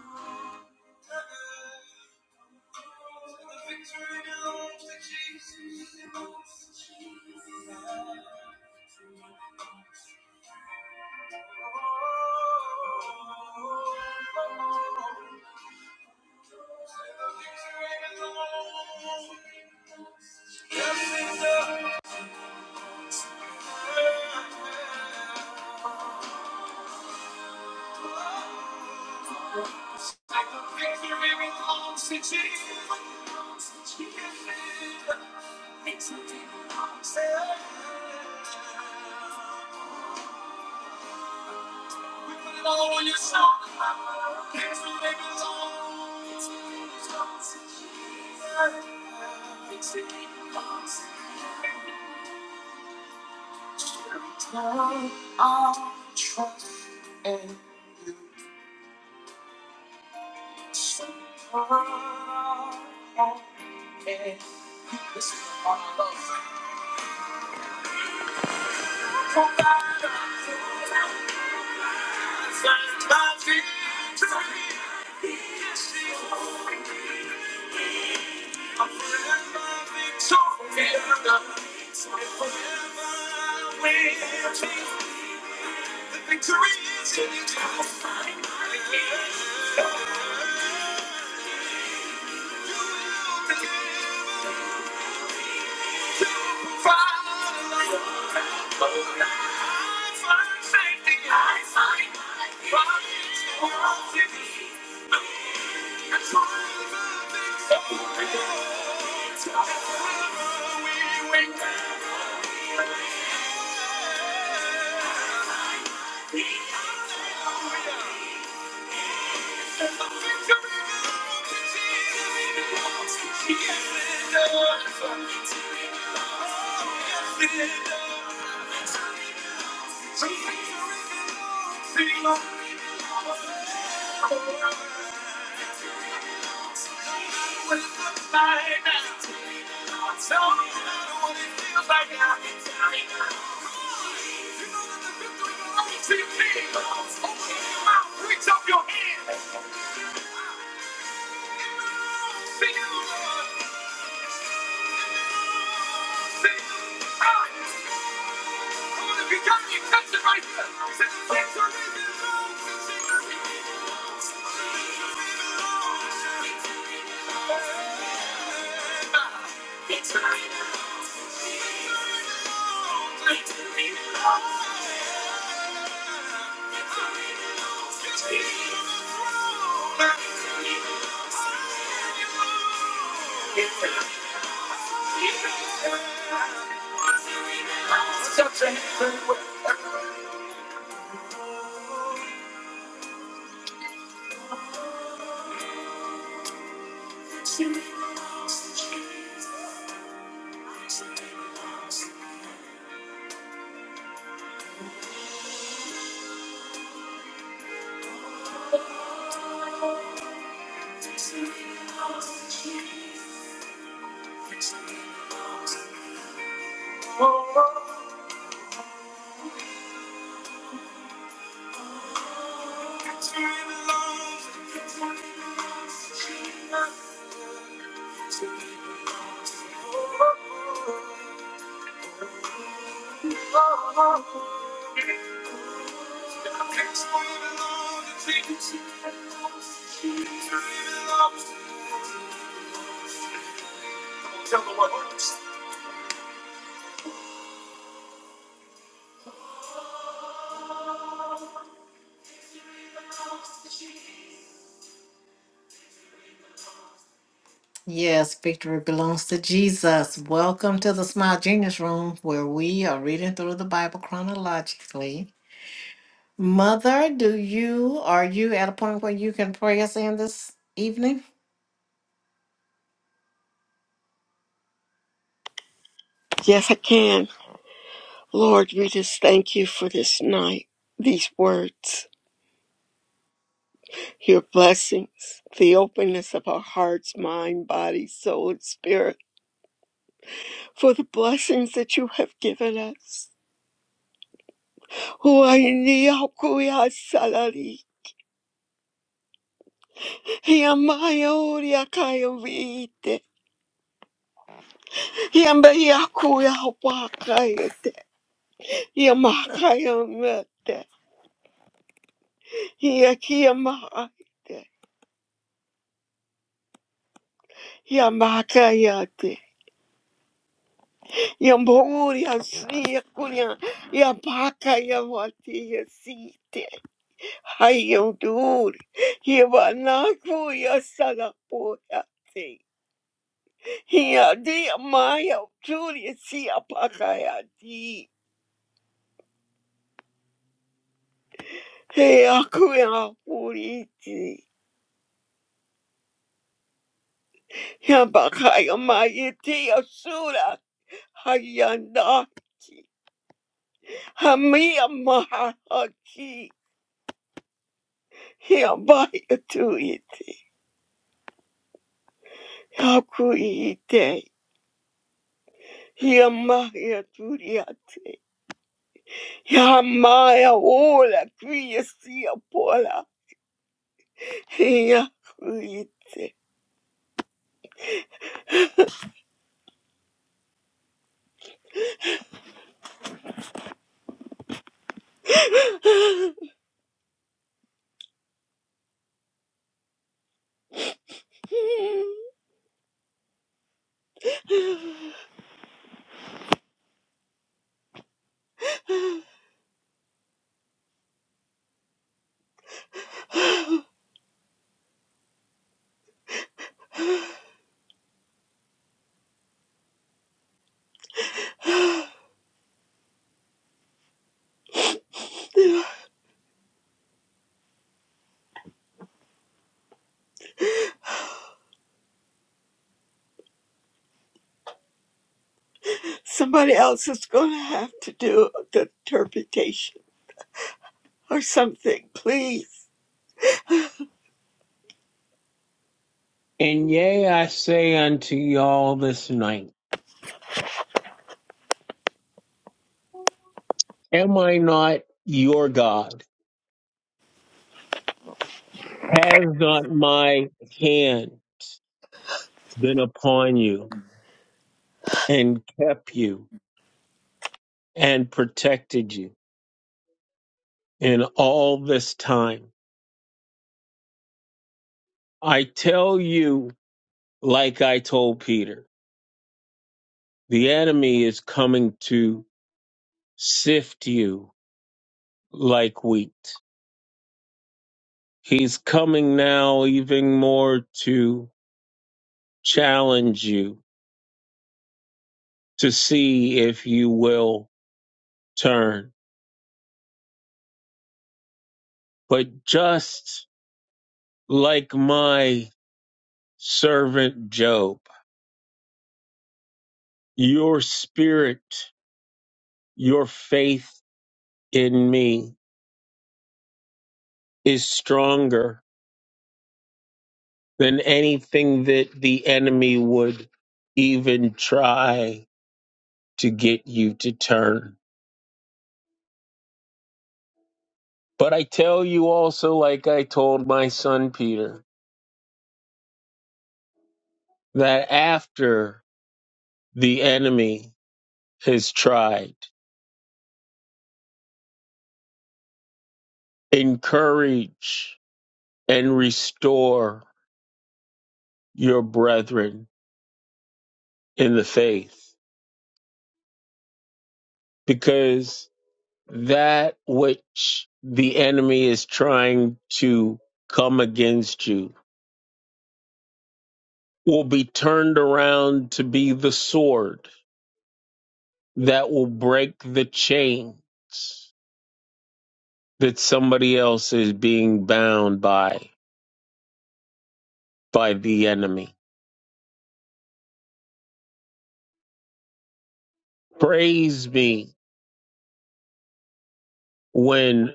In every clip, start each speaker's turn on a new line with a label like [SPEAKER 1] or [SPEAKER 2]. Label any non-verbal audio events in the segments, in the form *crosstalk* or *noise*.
[SPEAKER 1] The victory belongs to Oh, Yes, it does. Like the victory belongs to you. It's in the wrong hands. We put it all on your shoulders. Victory belongs to you. It's in the wrong hands. Every time I trust in you, this is the part I love. I Thank you. Reach up your hand. See you. It's What's up, Jane? Yes, victory belongs to Jesus. Welcome to the Smile Genius Room where we are reading through the Bible chronologically. Mother, do you are you at a point where you can pray us in this evening?
[SPEAKER 2] Yes, I can. Lord, we just thank you for this night, these words, your blessings, the openness of our hearts, mind, body, soul, and spirit, for the blessings that you have given us. Huayniyakuyasalari, hiyamayoriakayovite, hiyambayakuyahuakayete, hiyamakayomete, hiyakiyamaite, hiyamakayate. ya mbori ya si ya kunya ya baka ya wati ya site hai ya baka ya yavati ya salapu ya te ya di yadi maya uduri ya si apaka yadi heyaku hami yapaka yamayete yasura ya hamiya mahaki yabayaturi yakuyite *laughs* Yamaya Turia Yamaya Ola Kriya Sia Pola Ya Kriya Somebody else is gonna have to do the interpretation or something, please.
[SPEAKER 3] And yea, I say unto y'all this night, am I not your God? Has not my hand been upon you and kept you and protected you in all this time? I tell you, like I told Peter, the enemy is coming to sift you like wheat. He's coming now even more to challenge you to see if you will turn. But just like my servant Job, your spirit, your faith in me is stronger than anything that the enemy would even try to get you to turn. But I tell you also, like I told my son Peter, that after the enemy has tried, encourage and restore your brethren in the faith because that which the enemy is trying to come against you will be turned around to be the sword that will break the chains that somebody else is being bound by by the enemy praise me when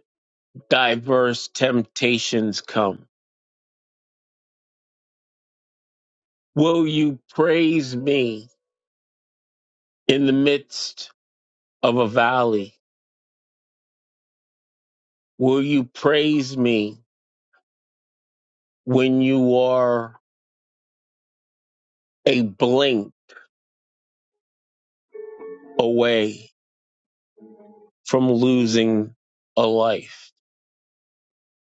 [SPEAKER 3] diverse temptations come will you praise me in the midst of a valley? Will you praise me when you are a blink away from losing a life?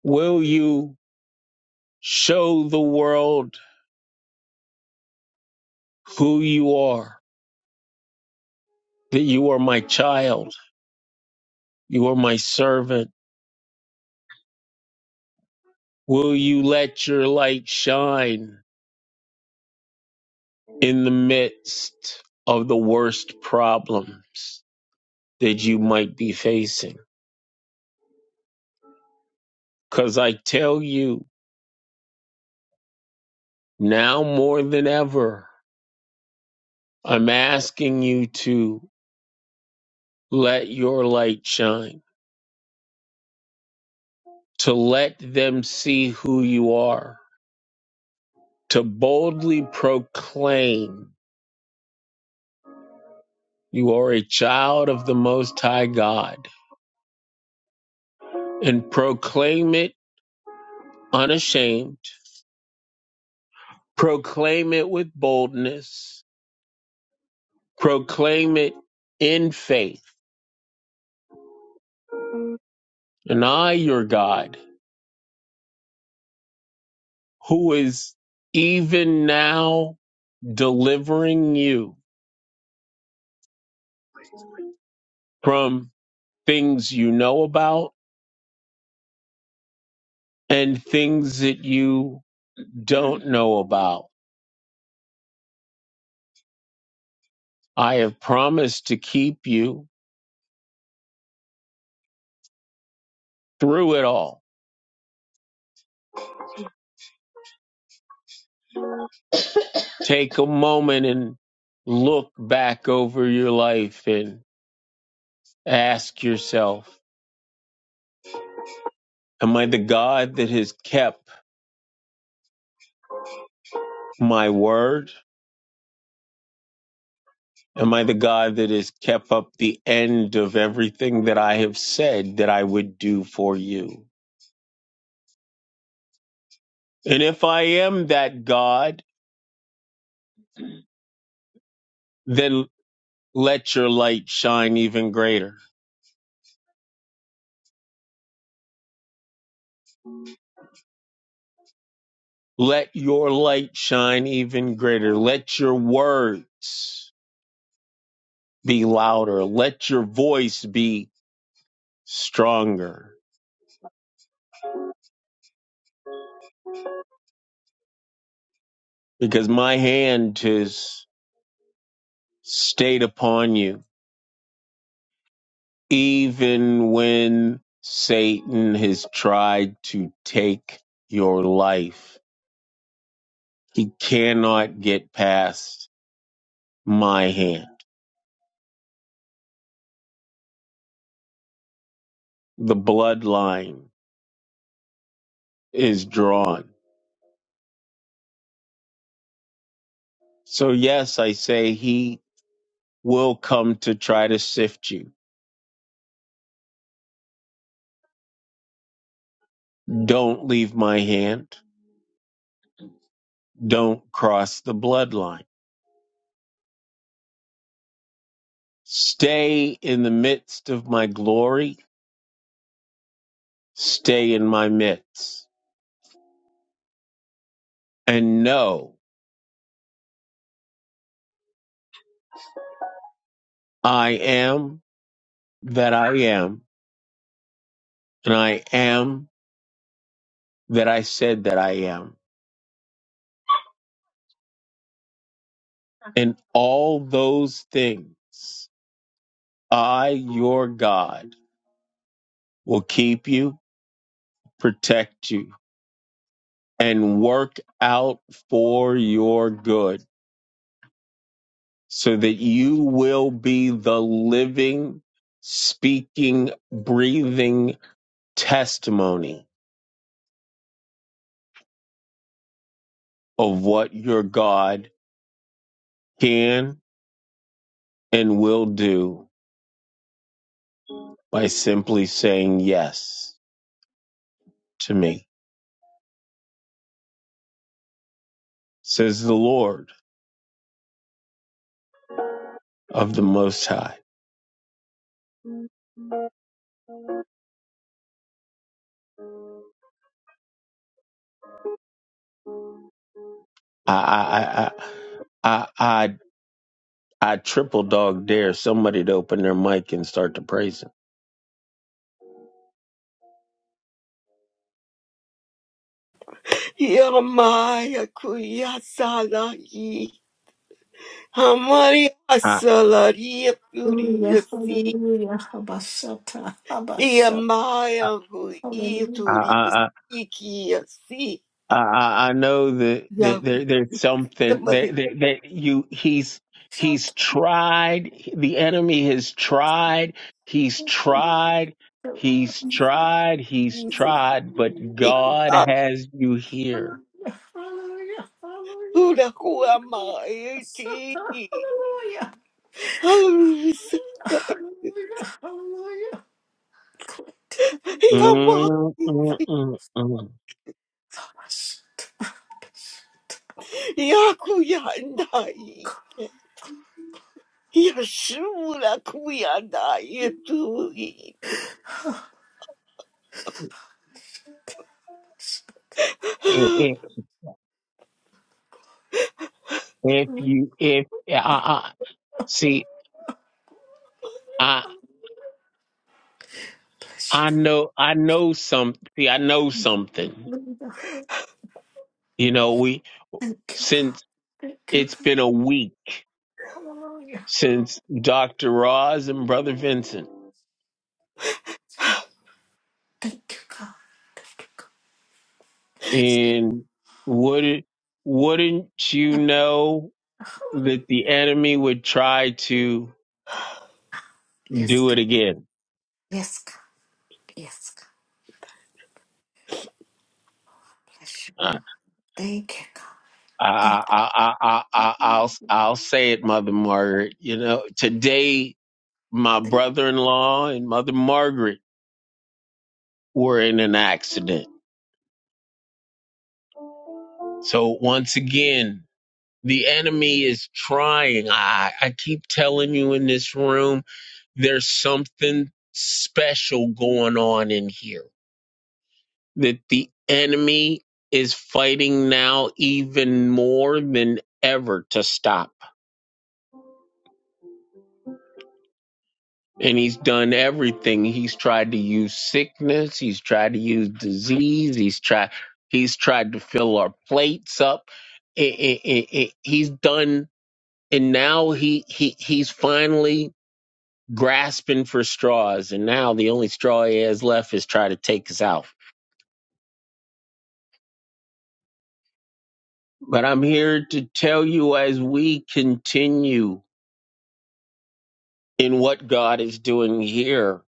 [SPEAKER 3] Will you show the world who you are, that you are my child, you are my servant? Will you let your light shine in the midst of the worst problems that you might be facing? Because I tell you, Now more than ever, I'm asking you to let your light shine, to let them see who you are, to boldly proclaim you are a child of the Most High God and proclaim it unashamed, proclaim it with boldness, proclaim it in faith. And I, your God, who is even now delivering you from things you know about and things that you don't know about. I have promised to keep you through it all. Take a moment and look back over your life and ask yourself Am I the God that has kept my word? Am I the God that has kept up the end of everything that I have said that I would do for you? And if I am that God, then. let your light shine even greater. Let your light shine even greater. Let your words be louder. Let your voice be stronger because my hand is stayed upon you, even when Satan has tried to take your life. He cannot get past my hand. The bloodline is drawn So, yes, I say he will come to try to sift you. Don't leave my hand. Don't cross the bloodline. Stay in the midst of my glory. Stay in my midst. And know I am that I am, and I am that I said that I am. And all those things, I, your God, will keep you, protect you and work out for your good so that you will be the living, speaking, breathing testimony of what your God can and will do by simply saying yes to me, says the Lord of the Most High. I, I, I, I, I, I triple dog dare somebody to open their mic and start to praise him.
[SPEAKER 2] Yamaya Kriya Salahi Hamari
[SPEAKER 3] I,
[SPEAKER 2] Asalaria
[SPEAKER 1] Hallelujah,
[SPEAKER 2] Turia
[SPEAKER 1] hallelujah, habashata,
[SPEAKER 2] Ia
[SPEAKER 1] habashata,
[SPEAKER 2] Maya who
[SPEAKER 1] hallelujah,
[SPEAKER 3] I,
[SPEAKER 2] eaturi
[SPEAKER 3] I.
[SPEAKER 2] iki see
[SPEAKER 3] I, I I know that,
[SPEAKER 2] ya
[SPEAKER 3] that there, there's something
[SPEAKER 2] somebody
[SPEAKER 3] that, that, that you he's he's
[SPEAKER 1] shata,
[SPEAKER 3] tried the enemy has tried he's tried he's tried he's
[SPEAKER 2] Jesus
[SPEAKER 3] tried but
[SPEAKER 2] take me
[SPEAKER 3] God
[SPEAKER 2] out.
[SPEAKER 3] has you here.
[SPEAKER 2] Ura hua mai ti. Harusa kai. Ya
[SPEAKER 3] Mm,
[SPEAKER 2] mai.
[SPEAKER 3] mm, mm, mm.
[SPEAKER 2] Ia ku Ya ndai. Ya shura kuya ndai tui.
[SPEAKER 3] If, if if you if I, I see I
[SPEAKER 1] bless
[SPEAKER 3] I know I know some see I know something
[SPEAKER 1] you, hallelujah, hallelujah.
[SPEAKER 3] you know we
[SPEAKER 1] Thank you,
[SPEAKER 3] since
[SPEAKER 1] God. Thank you,
[SPEAKER 3] it's
[SPEAKER 1] God.
[SPEAKER 3] been a week
[SPEAKER 1] Hallelujah.
[SPEAKER 3] since
[SPEAKER 1] hallelujah.
[SPEAKER 3] Dr. Roz and Brother Vincent.
[SPEAKER 1] Thank you, God. Thank you,
[SPEAKER 3] And wouldn't wouldn't you
[SPEAKER 1] God.
[SPEAKER 3] know
[SPEAKER 1] Hallelujah.
[SPEAKER 3] that the enemy would try to
[SPEAKER 1] Yes,
[SPEAKER 3] do
[SPEAKER 1] God.
[SPEAKER 3] it again?
[SPEAKER 1] Yes, God. Yes, God. Bless you.
[SPEAKER 3] I
[SPEAKER 1] Thank you, God.
[SPEAKER 3] I
[SPEAKER 1] Thank you.
[SPEAKER 3] I I I I'll I'll say it, Mother Margaret. You know, today my brother-in-law and Mother Margaret were in an accident. So once again, the enemy is trying. I I keep telling you in this room There's something special going on in here that the enemy is fighting now even more than ever to stop. And he's done everything. He's tried to use sickness, he's tried to use disease, he's tried he's tried to fill our plates up. I- I- I- I- he's done and now he, he he's finally grasping for straws and now the only straw he has left is try to take us out But I'm here to tell you as we continue in what God is doing here,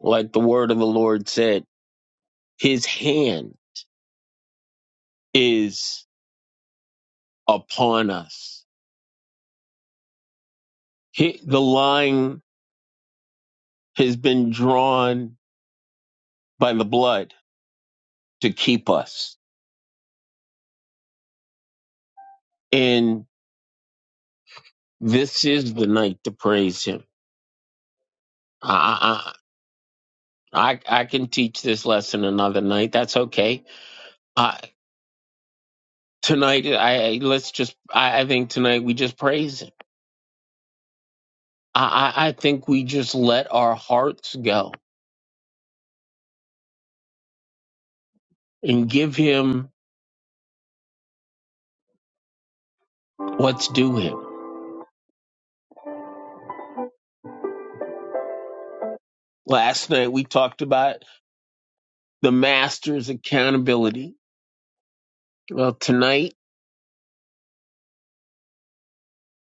[SPEAKER 3] like the word of the Lord said, his hand is upon us. He, the line has been drawn by the blood to keep us. And this is the night to praise him. I, I, I, I can teach this lesson another night. That's okay. I, tonight, I, I- let's just, I, I think tonight we just praise him I, I I think we just let our hearts go and give him what's due him. Last night we talked about the master's accountability. Well, tonight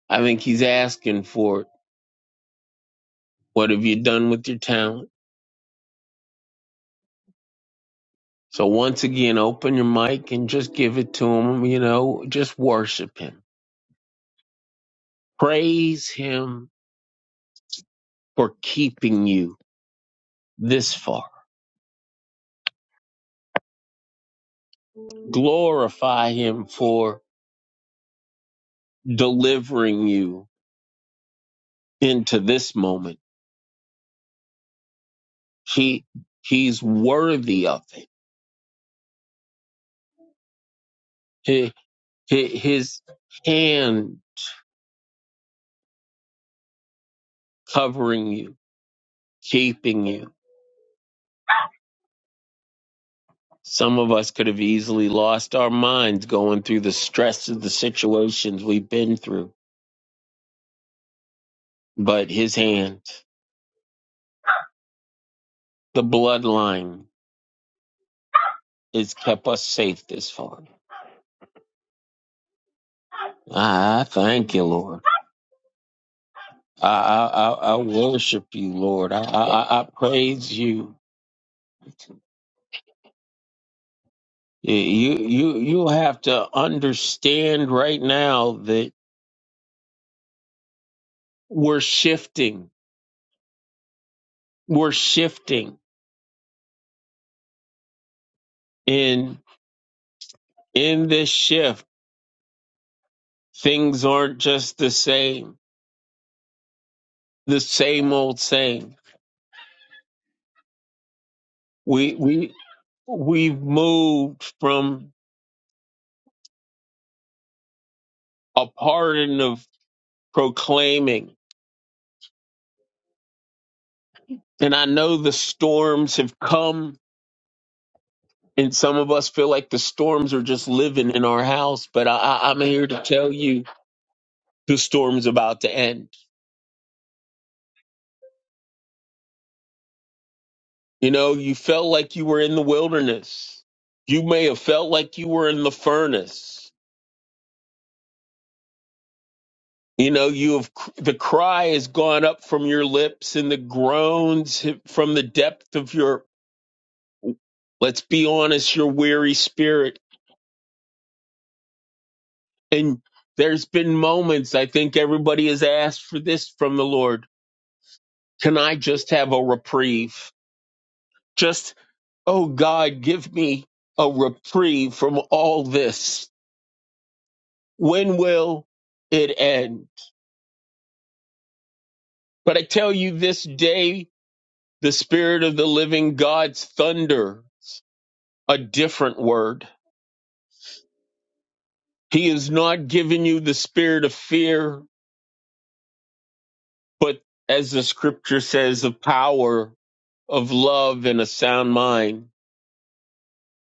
[SPEAKER 3] I think he's asking for it. What have you done with your talent? So once again, open your mic and just give it to him. You know, just worship him. Praise him for keeping you this far. Glorify him for delivering you into this moment He he's worthy of it. He, he, his hand covering you, keeping you. Some of us could have easily lost our minds going through the stress of the situations we've been through, but his hand, the bloodline, has kept us safe this far. I I thank you, Lord. I I, I I worship you, Lord. I, I I I praise you. You you you have to understand right now that. we're shifting we're shifting in in this shift things aren't just the same the same old same we we we've moved from a pardon of proclaiming and i know the storms have come and some of us feel like the storms are just living in our house but i I- i'm here to tell you the storm's about to end You know, you felt like you were in the wilderness. You may have felt like you were in the furnace. You know, you have the cry has gone up from your lips and the groans from the depth of your, let's be honest, your weary spirit. And there's been moments I think everybody has asked for this from the Lord. Can I just have a reprieve? Just, oh God, give me a reprieve from all this. When will it end? But I tell you this day, the Spirit of the living God thunders a different word. He has not given you the spirit of fear, but as the scripture says, of power, of love, and a sound mind.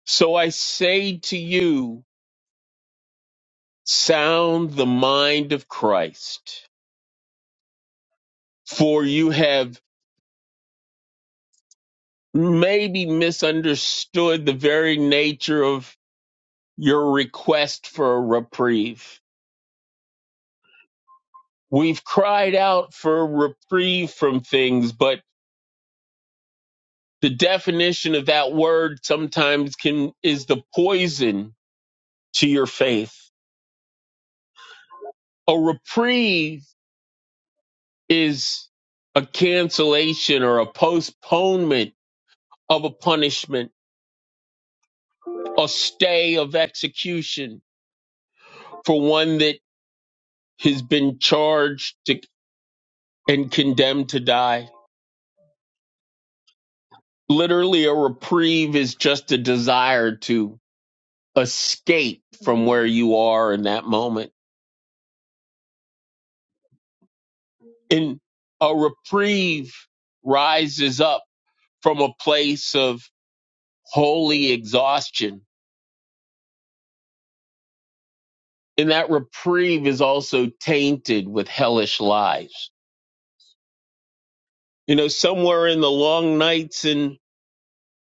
[SPEAKER 3] So I say to you, sound the mind of Christ, for you have maybe misunderstood the very nature of your request for a reprieve We've cried out for reprieve from things, but the definition of that word sometimes can is the poison to your faith. A reprieve is a cancellation or a postponement of a punishment, a stay of execution for one that has been charged to, and condemned to die. Literally, a reprieve is just a desire to. escape from where you are in that moment. And a reprieve rises up from a place of holy exhaustion. And that reprieve is also tainted with hellish lies. You know, somewhere in the long nights and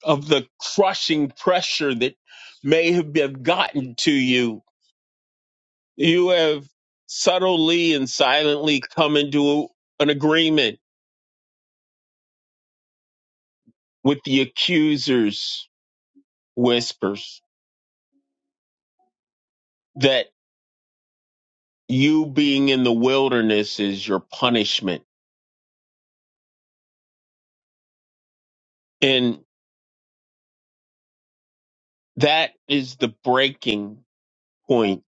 [SPEAKER 3] of the crushing pressure that may have been gotten to you, you have subtly and silently come into an agreement with the accuser's whispers that you being in the wilderness is your punishment. And that is the breaking point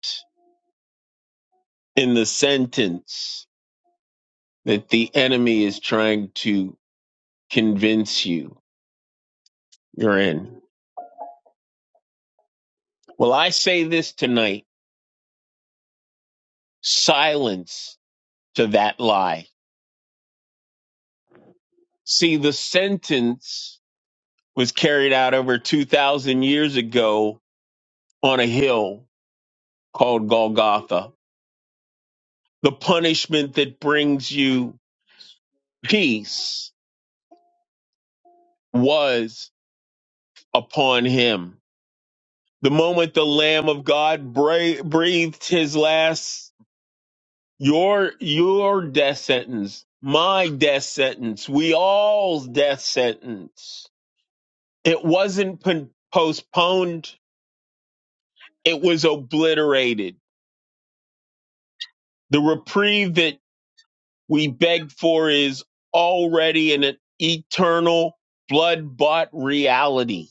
[SPEAKER 3] in the sentence that the enemy is trying to convince you you're in. Well, I say this tonight silence to that lie. See, the sentence was carried out over 2,000 years ago on a hill called Golgotha. The punishment that brings you peace was upon him. The moment the Lamb of God bra- breathed his last, your your death sentence, my death sentence, we all's death sentence. It wasn't pon- postponed; it was obliterated. The reprieve that we beg for is already an eternal, blood-bought reality.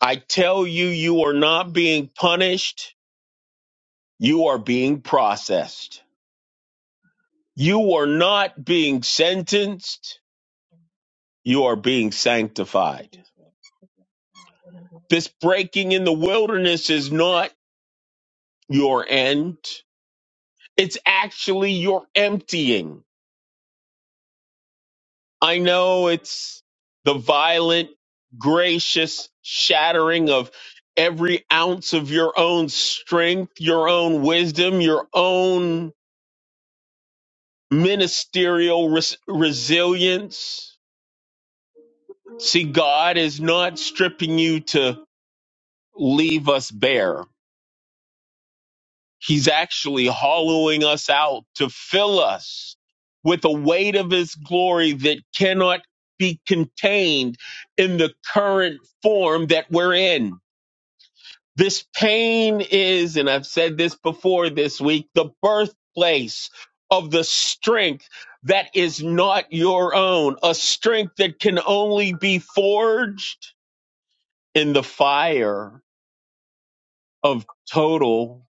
[SPEAKER 3] I tell you, you are not being punished You are being processed. You are not being sentenced. You are being sanctified. This breaking in the wilderness is not your end. It's actually your emptying. I know it's the violent, gracious shattering of every ounce of your own strength, your own wisdom, your own ministerial res- resilience See, God is not stripping you to leave us bare. He's actually hollowing us out to fill us with a weight of His glory that cannot be contained in the current form that we're in. This pain is, and I've said this before this week, the birthplace of the strength that is not your own, a strength that can only be forged in the fire of total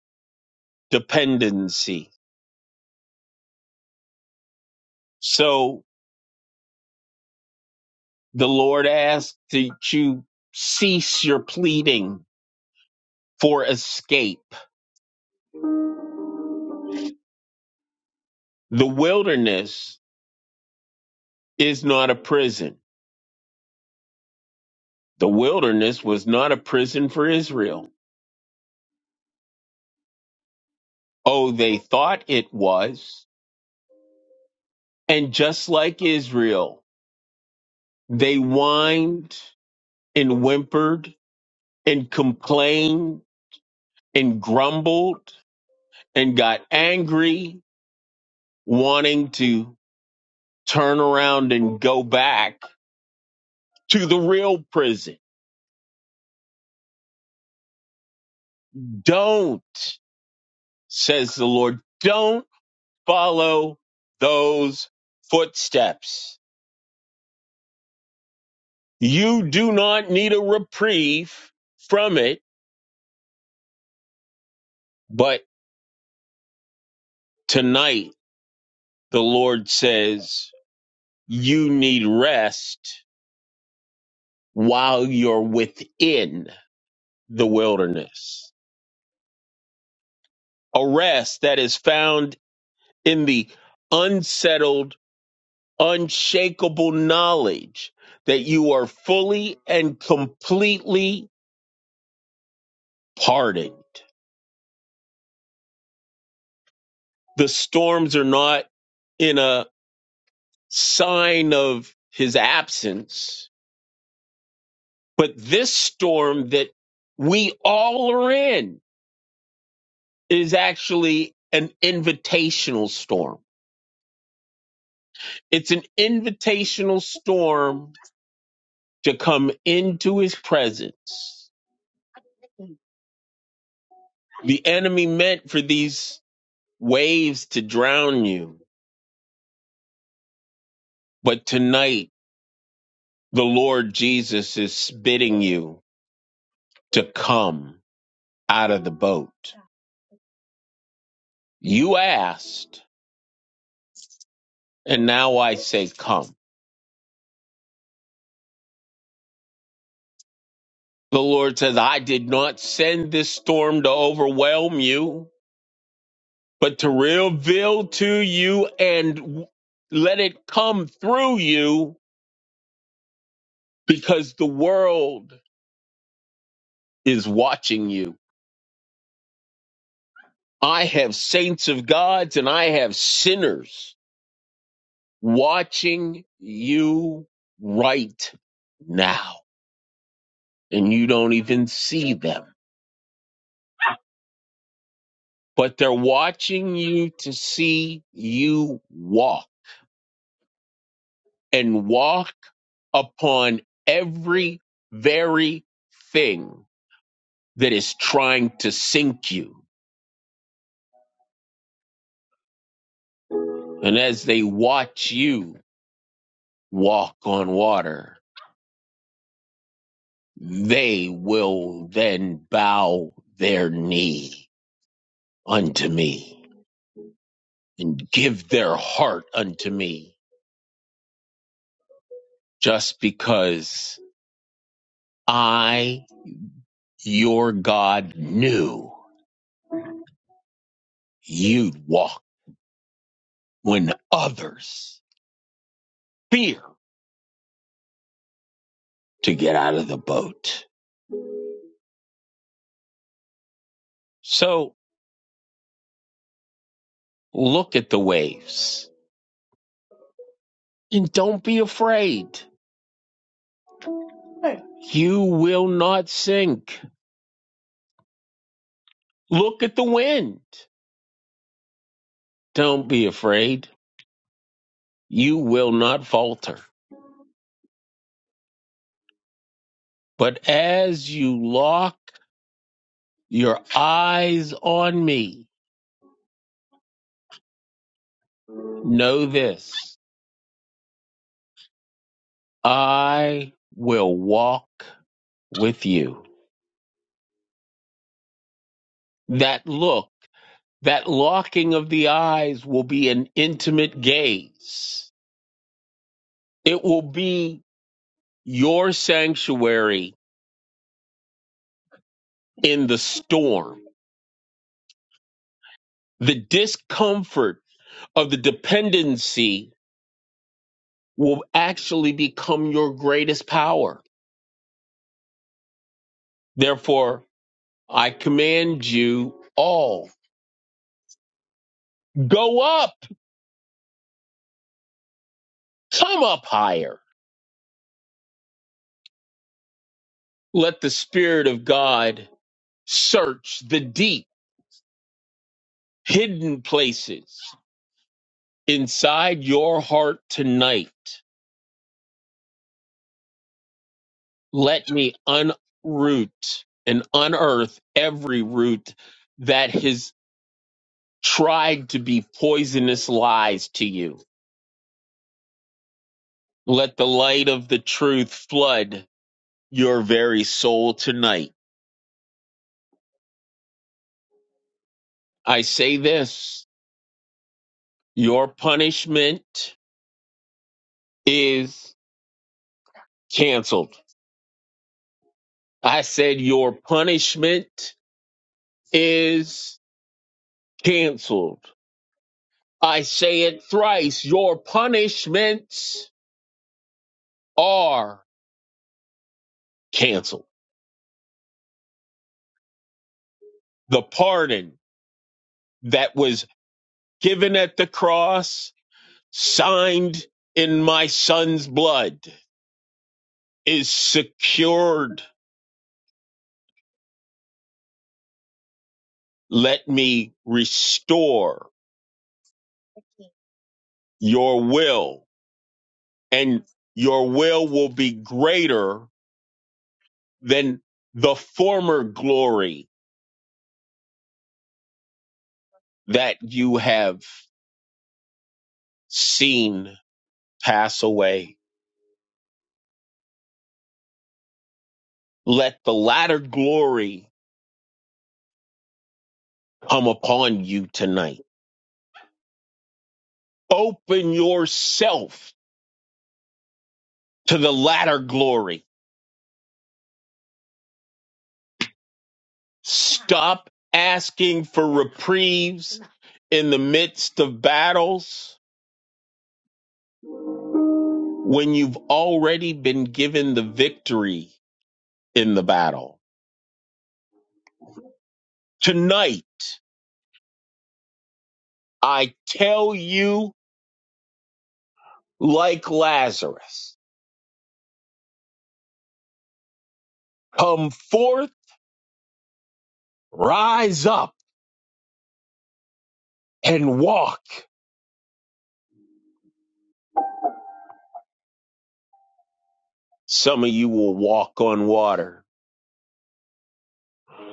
[SPEAKER 3] dependency. So the Lord asks that you cease your pleading for escape. The wilderness is not a prison. The wilderness was not a prison for Israel. Oh, they thought it was. And just like Israel, they whined and whimpered and complained and grumbled and got angry, wanting to turn around and go back to the real prison. Don't, says the Lord, don't follow those footsteps. You do not need a reprieve from it, but tonight the Lord says you need rest while you're within the wilderness. A rest that is found in the unsettled unshakable knowledge that you are fully and completely pardoned. The storms are not in a sign of his absence, but this storm that we all are in is actually an invitational storm. It's an invitational storm to come into his presence. The enemy meant for these waves to drown you But tonight, the Lord Jesus is bidding you to come out of the boat. You asked, and now I say, Come. The Lord says, I did not send this storm to overwhelm you, but to reveal to you and let it come through you because the world is watching you. I have saints of gods and I have sinners watching you right now. And you don't even see them, but they're watching you to see you walk and walk upon every very thing that is trying to sink you. And as they watch you walk on water, they will then bow their knee unto me. and give their heart unto me just because I, your God, knew you'd walk when others fear to get out of the boat. So look at the waves and don't be afraid. You will not sink. Look at the wind. Don't be afraid. You will not falter. But as you lock your eyes on me, Know this I will walk with you. That look, that locking of the eyes will be an intimate gaze. It will be your sanctuary in the storm. The discomfort of the dependency will actually become your greatest power. Therefore, I command you all go up, come up higher. Let the Spirit of God Search the deep, hidden places inside your heart tonight. Let me unroot and unearth every root that has tried to be poisonous lies to you. Let the light of the truth flood your very soul tonight. I say this your punishment is canceled. I said, Your punishment is canceled. I say it thrice your punishments are canceled. The pardon that was given at the cross, signed in my son's blood, is secured. Let me restore your will, and your will will be greater than the former glory that you have seen pass away Let the latter glory come upon you tonight. Open yourself to the latter glory. Stop asking for reprieves in the midst of battles when you've already been given the victory in the battle. Tonight, I tell you, like Lazarus, come forth, rise up, and walk. Some of you will walk on water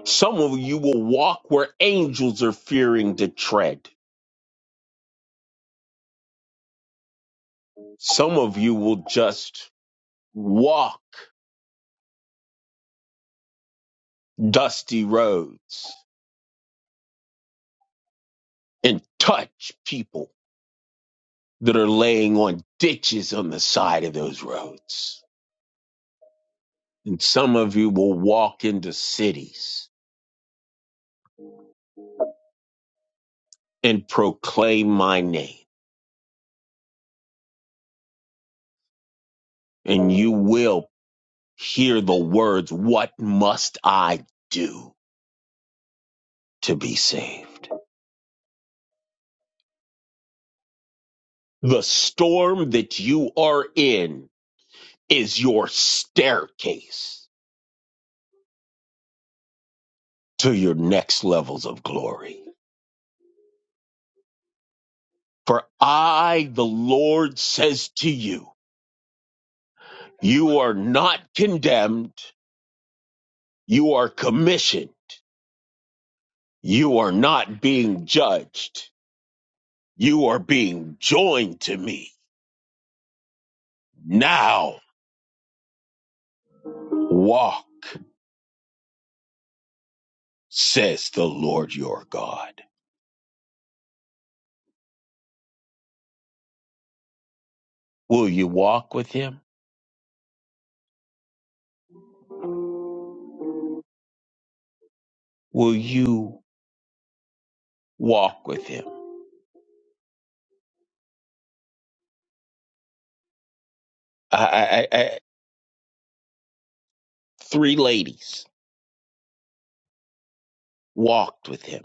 [SPEAKER 3] Some of you will walk where angels are fearing to tread. Some of you will just walk dusty roads and touch people that are laying on ditches on the side of those roads. And some of you will walk into cities and proclaim my name, and you will hear the words, What must I do to be saved? The storm that you are in is your staircase to your next levels of glory. For I, the Lord, says to you, you are not condemned, you are commissioned, you are not being judged, you are being joined to me. Now walk, says the Lord your God. Will you walk with him? Will you walk with him? I, I, I, I- three ladies walked with him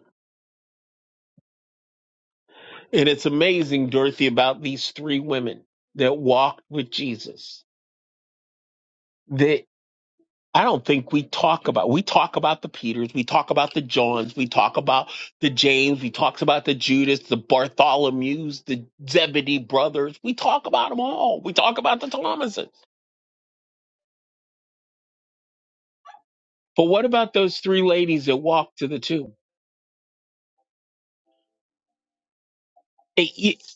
[SPEAKER 3] And it's amazing, Dorothy, about these three women that walked with Jesus that I don't think we talk about. We talk about the Peters, we talk about the Johns, we talk about the James, we talk about the Judas, the Bartholomews, the Zebedee brothers. We talk about them all. We talk about the Thomases. But what about those three ladies that walked to the tomb? It- it-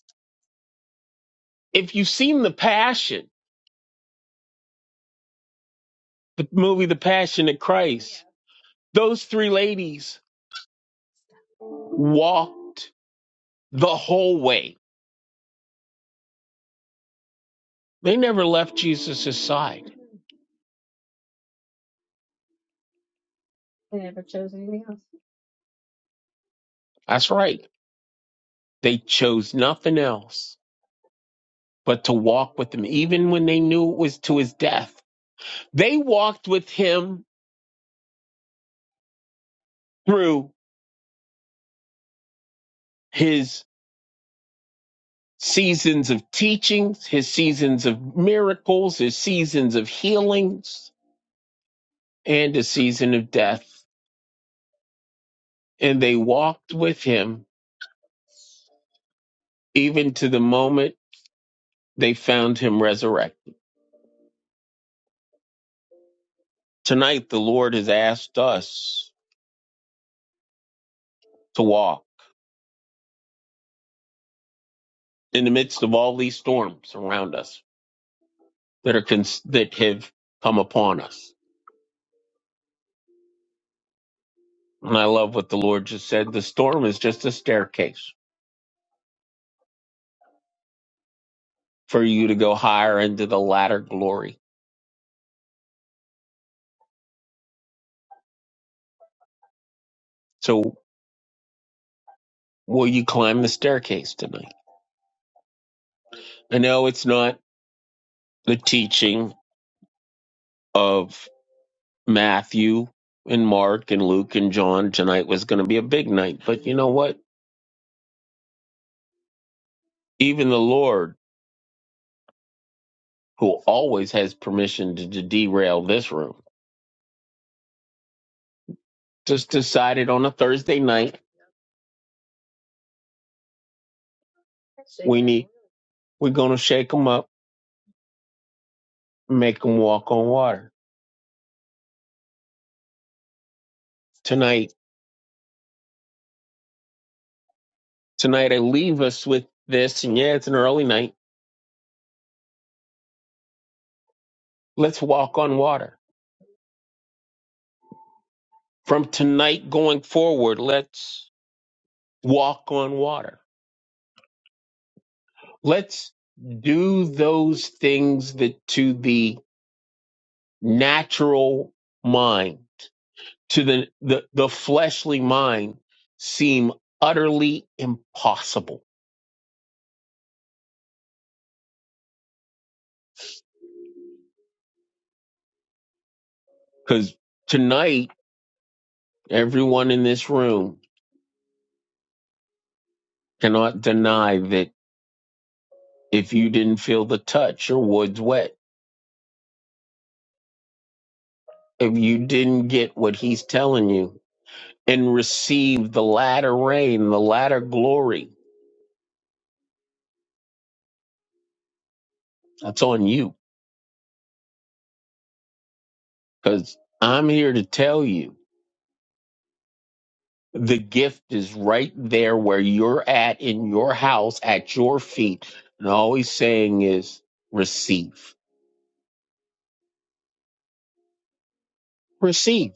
[SPEAKER 3] If you've seen The Passion, the movie The Passion of Christ, those three ladies walked the whole way They never left Jesus' side. That's right. They chose nothing else but to walk with him, even when they knew it was to his death. They walked with him through his seasons of teachings, his seasons of miracles, his seasons of healings, and a season of death. And they walked with him even to the moment they found him resurrected. Tonight, the Lord has asked us to walk in the midst of all these storms around us that are cons- that have come upon us. And I love what the Lord just said. The storm is just a staircase for you to go higher into the latter glory. So will you climb the staircase tonight? I know it's not the teaching of Matthew and Mark and Luke and John tonight was going to be a big night, but you know what? Even the Lord, who always has permission to, to derail this room, just decided on a Thursday night We need. We're gonna shake them up, and make them walk on water tonight. Tonight, I leave us with this, and yeah, it's an early night. Let's walk on water from tonight going forward. Let's walk on water. Let's do those things that to the natural mind, to the the, the fleshly mind, seem utterly impossible. Because tonight, everyone in this room Cannot deny that if you didn't feel the touch, your wood's wet. If you didn't get what he's telling you and receive the latter rain, the latter glory, that's on you. Because I'm here to tell you the gift is right there where you're at in your house, at your feet. And all he's saying is receive. Receive.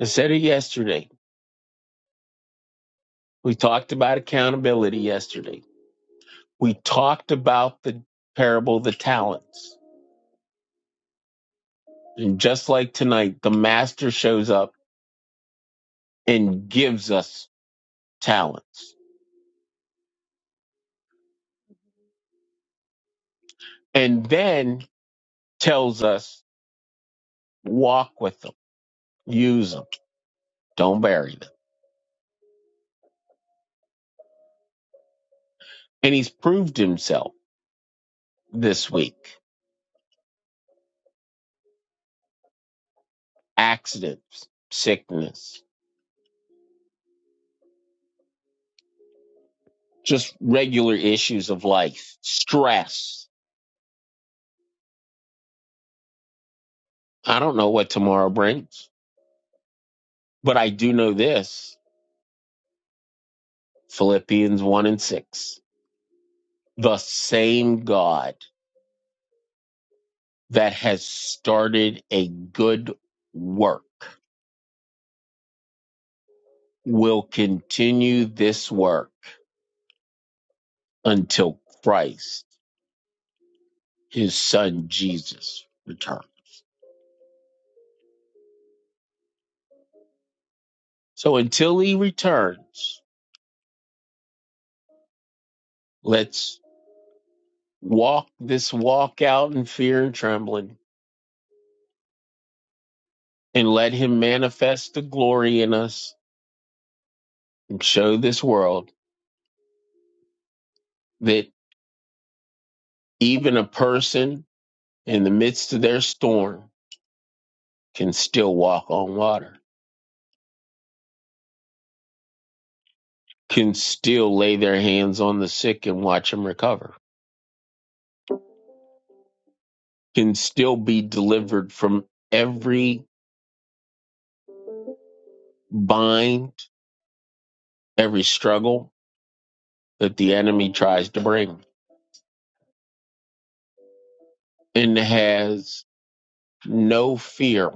[SPEAKER 3] I said it yesterday. We talked about accountability yesterday. We talked about the parable of the talents. And just like tonight, the master shows up and gives us talents and then tells us, walk with them, use them, don't bury them. And he's proved himself this week accidents, sickness, just regular issues of life, stress. I don't know what tomorrow brings, but I do know this Philippians 1 and 6. The same God that has started a good work will continue this work until Christ, his son Jesus, returns. So until he returns, let's walk this walk out in fear and trembling and let him manifest the glory in us and show this world that even a person in the midst of their storm can still walk on water. can still lay their hands on the sick and watch them recover, can still be delivered from every bind, every struggle that the enemy tries to bring, and has no fear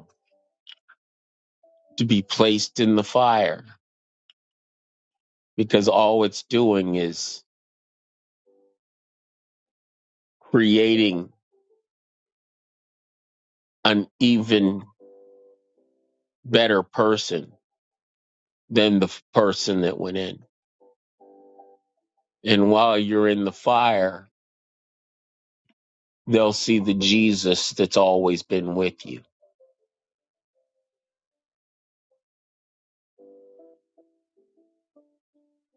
[SPEAKER 3] to be placed in the fire because all it's doing is creating an even better person than the f- person that went in. And while you're in the fire, they'll see the Jesus that's always been with you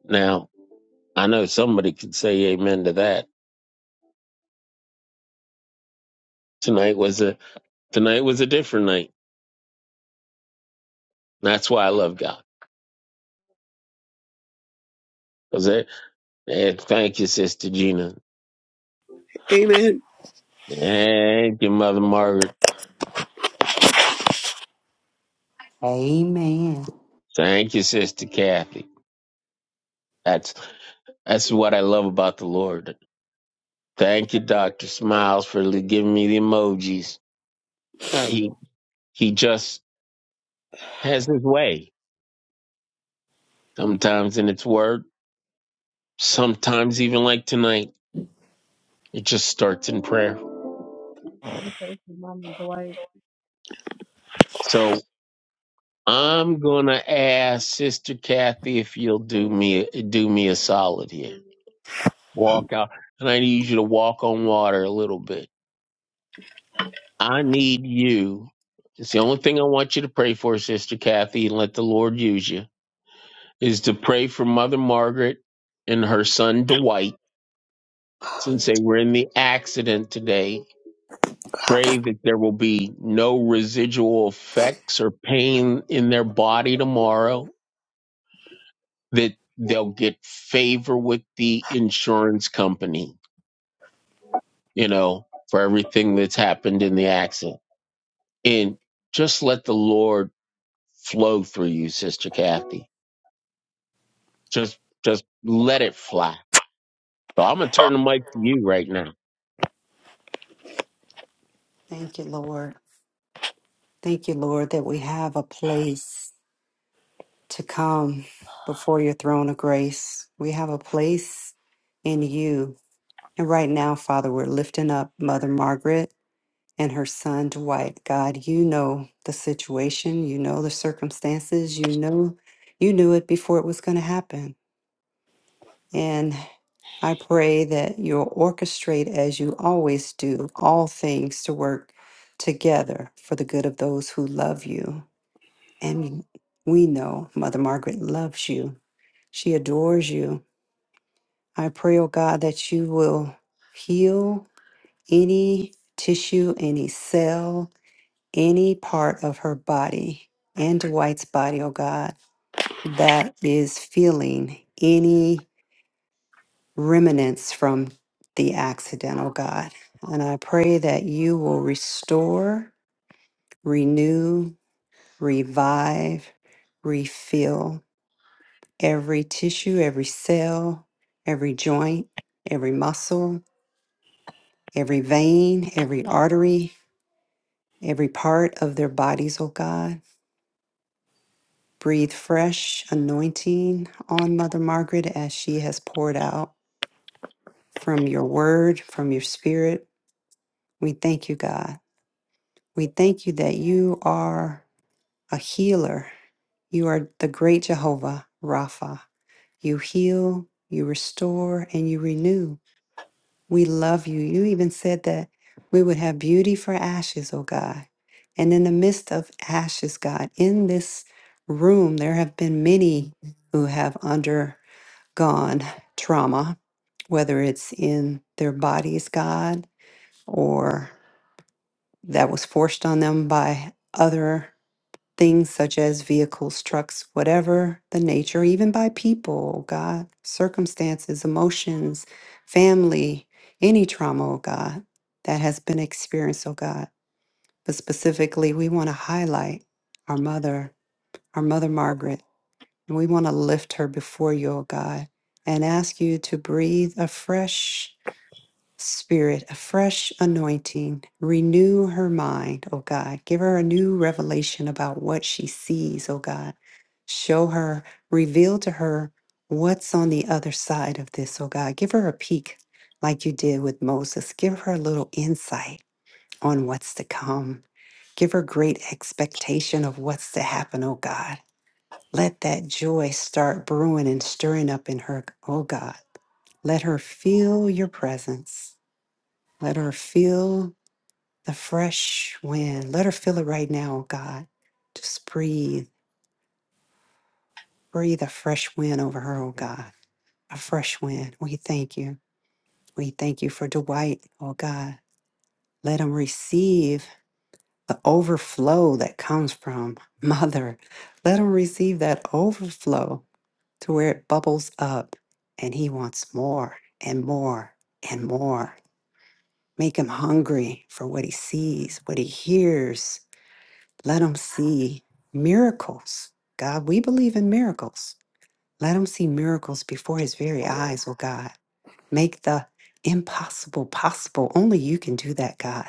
[SPEAKER 3] Now, I know somebody could say amen to that. Tonight was a tonight was a different night. That's why I love God. Was it? And thank you, Sister Gina.
[SPEAKER 2] Amen.
[SPEAKER 3] Thank you, Mother Margaret.
[SPEAKER 4] Amen.
[SPEAKER 3] Thank you, Sister Kathy. That's that's what I love about the Lord. Thank you, Doctor Smiles, for li- giving me the emojis. He he just has his way. Sometimes in its word, sometimes even like tonight, it just starts in prayer. So I'm gonna ask Sister Kathy if you'll do me do me a solid here. Walk out, and I need you to walk on water a little bit. I need you. It's the only thing I want you to pray for, Sister Kathy, and let the Lord use you. Is to pray for Mother Margaret and her son Dwight, since they were in the accident today. Pray that there will be no residual effects or pain in their body tomorrow that they'll get favor with the insurance company, you know, for everything that's happened in the accident. And just let the Lord flow through you, Sister Kathy. Just just let it fly. So I'm gonna turn the mic to you right now.
[SPEAKER 4] Thank you, Lord. Thank you, Lord, that we have a place to come before your throne of grace. We have a place in you. And right now, Father, we're lifting up Mother Margaret and her son Dwight. God, you know the situation, you know the circumstances, you know you knew it before it was going to happen. I pray that you'll orchestrate, as you always do, all things to work together for the good of those who love you. And we know Mother Margaret loves you, she adores you. I pray, oh God, that you will heal any tissue, any cell, any part of her body and Dwight's body, oh God, that is feeling any. remnants from the accidental God. And I pray that you will restore, renew, revive, refill every tissue, every cell, every joint, every muscle, every vein, every artery, every part of their bodies, oh God. Breathe fresh anointing on Mother Margaret as she has poured out from your word, from your spirit. We thank you, God. We thank you that you are a healer. You are the great Jehovah Rapha. You heal, you restore, and you renew. We love you. You even said that we would have beauty for ashes, oh God. And in the midst of ashes, God, in this room, there have been many who have undergone trauma, whether it's in their bodies, God, or that was forced on them by other things such as vehicles, trucks, whatever the nature, even by people, oh God, circumstances, emotions, family, any trauma, oh God, that has been experienced, oh God. But specifically, we want to highlight our mother, our mother Margaret, and we want to lift her before you, oh God, and ask you to breathe afresh Spirit, a fresh anointing. Renew her mind, oh God. Give her a new revelation about what she sees, oh God. Show her, reveal to her what's on the other side of this, oh God. Give her a peek like you did with Moses. Give her a little insight on what's to come. Give her great expectation of what's to happen, oh God. Let that joy start brewing and stirring up in her, oh God. Let her feel your presence. Let her feel the fresh wind. Let her feel it right now, oh God. Just breathe. Breathe a fresh wind over her, oh God. A fresh wind. We thank you. We thank you for Dwight, oh God. Let him receive the overflow that comes from *laughs* Mother. Let him receive that overflow to where it bubbles up and he wants more and more and more. Make him hungry for what he sees, what he hears, Let them see miracles. God, we believe in miracles. Let them see miracles before his very eyes, oh God. Make the impossible possible. Only you can do that, God.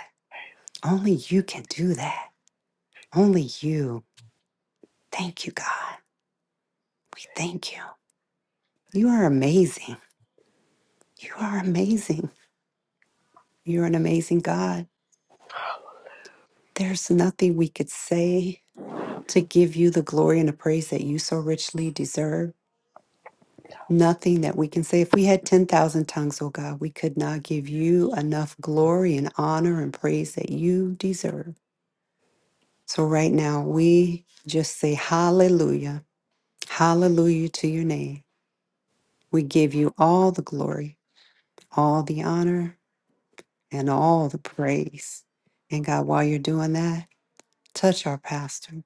[SPEAKER 4] Only you can do that. Only you. Thank you, God. We thank you. You are amazing. You are amazing. You're an amazing God. There's nothing we could say to give you the glory and the praise that you so richly deserve. nothing that we can say. If we had 10,000 tongues, oh God, we could not give you enough glory and honor and praise that you deserve. So right now, we just say hallelujah, hallelujah to your name. We give you all the glory, all the honor, and all the praise. And God, while you're doing that, touch our pastor,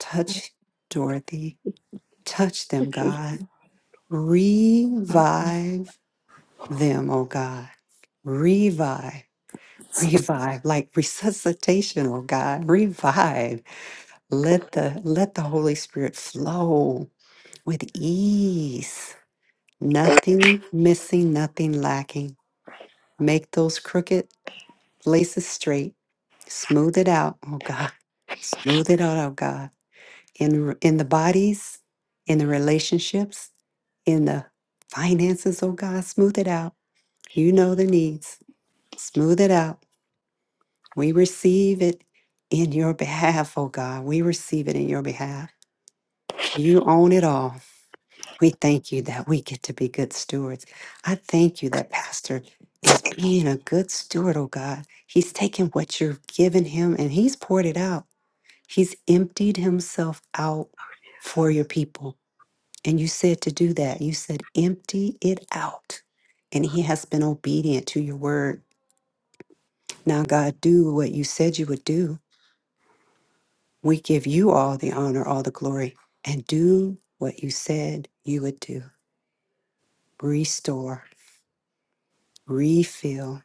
[SPEAKER 4] touch Dorothy, touch them, God. Revive them, oh God. Revive. revive like resuscitation oh god revive let the let the holy spirit flow with ease nothing missing nothing lacking make those crooked places straight smooth it out oh god smooth it out oh god in r- in the bodies in the relationships in the finances oh god smooth it out you know the needs smooth it out We receive it in your behalf, oh God. We receive it in your behalf. You own it all. We thank you that we get to be good stewards. I thank you that Pastor is being a good steward, oh God. He's taken what you've given him and he's poured it out. He's emptied himself out for your people. And you said to do that. You said, empty it out. And he has been obedient to your word. Now, God, do what you said you would do We give you all the honor, all the glory, and do what you said you would do. Restore, refill,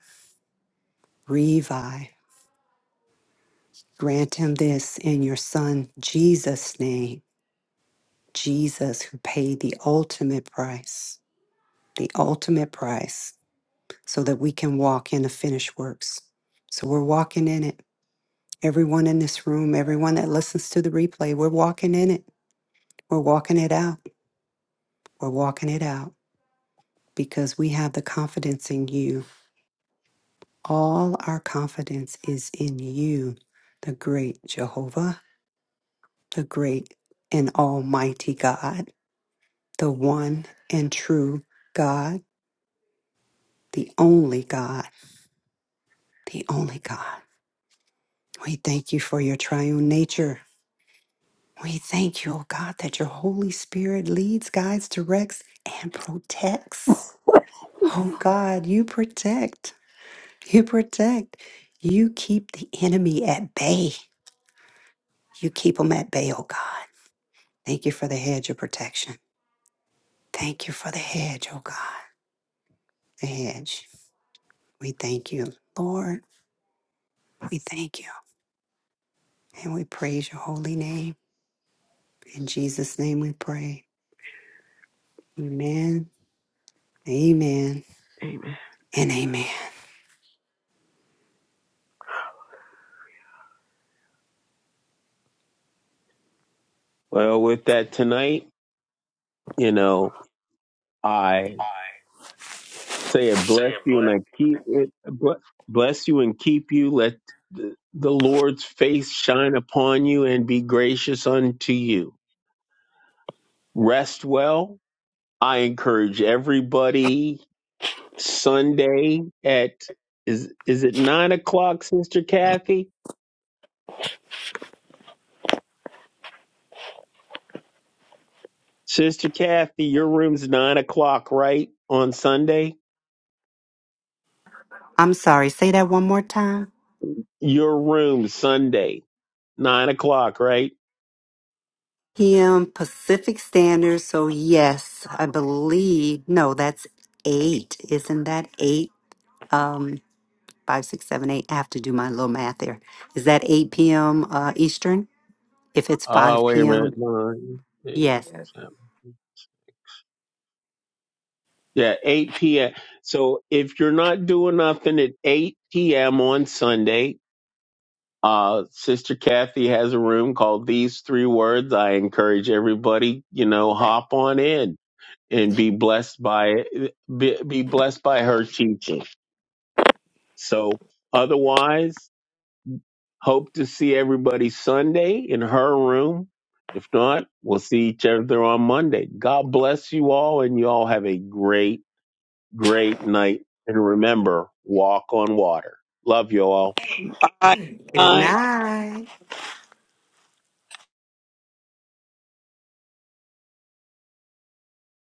[SPEAKER 4] revive. Grant him this in your son Jesus' name. Jesus, who paid the ultimate price, the ultimate price, so that we can walk in the finished works. So we're walking in it. Everyone in this room, everyone that listens to the replay, we're walking in it. We're walking it out. We're walking it out because we have the confidence in you All our confidence is in you, the great Jehovah, the great and almighty God, the one and true God, the only God, the only God. We thank you for your triune nature. We thank you, oh God, that your Holy Spirit leads, guides, directs, and protects. Oh God, you protect. You protect. You keep the enemy at bay. You keep them at bay, oh God. Thank you for the hedge of protection. Thank you for the hedge, oh God, the hedge. We thank you, Lord. We thank you. And we praise your holy name. In Jesus' name we pray. Amen, amen,
[SPEAKER 2] Amen.
[SPEAKER 4] and amen.
[SPEAKER 3] Well, with that tonight, you know, I
[SPEAKER 2] I,
[SPEAKER 3] say I
[SPEAKER 2] say
[SPEAKER 3] bless
[SPEAKER 2] a
[SPEAKER 3] you and I keep
[SPEAKER 2] blessing.
[SPEAKER 3] it bless you and keep you. Let the, the Lord's face shine upon you and be gracious unto you. Rest well I encourage everybody Sunday at is is it nine o'clock, Sister Kathy? Sister Kathy, your room's nine o'clock, right? On Sunday?
[SPEAKER 4] I'm sorry, say that one more time.
[SPEAKER 3] Your room Sunday, nine o'clock, right?
[SPEAKER 4] PM Pacific Standard. So, yes, I believe, no, that's eight. Isn't that eight? Um, five, six, seven, eight. I have to do my little math there. Is that 8 p.m. Uh, Eastern? If it's
[SPEAKER 3] Oh,
[SPEAKER 4] 5
[SPEAKER 3] wait a
[SPEAKER 4] p.m.
[SPEAKER 3] minute. Nine, eight,
[SPEAKER 4] Yes.
[SPEAKER 3] seven. Yeah, eight PM. So if you're not doing nothing at eight PM on Sunday, Uh, Sister Kathy has a room called These Three Words. I encourage everybody, you know, hop on in and be blessed by be, be blessed by her teaching. So, otherwise, hope to see everybody Sunday in her room. If not, we'll see each other on Monday. God bless you all, and you all have a great, great night. And remember, walk on water. Love you all.
[SPEAKER 4] Good
[SPEAKER 2] I.
[SPEAKER 4] night.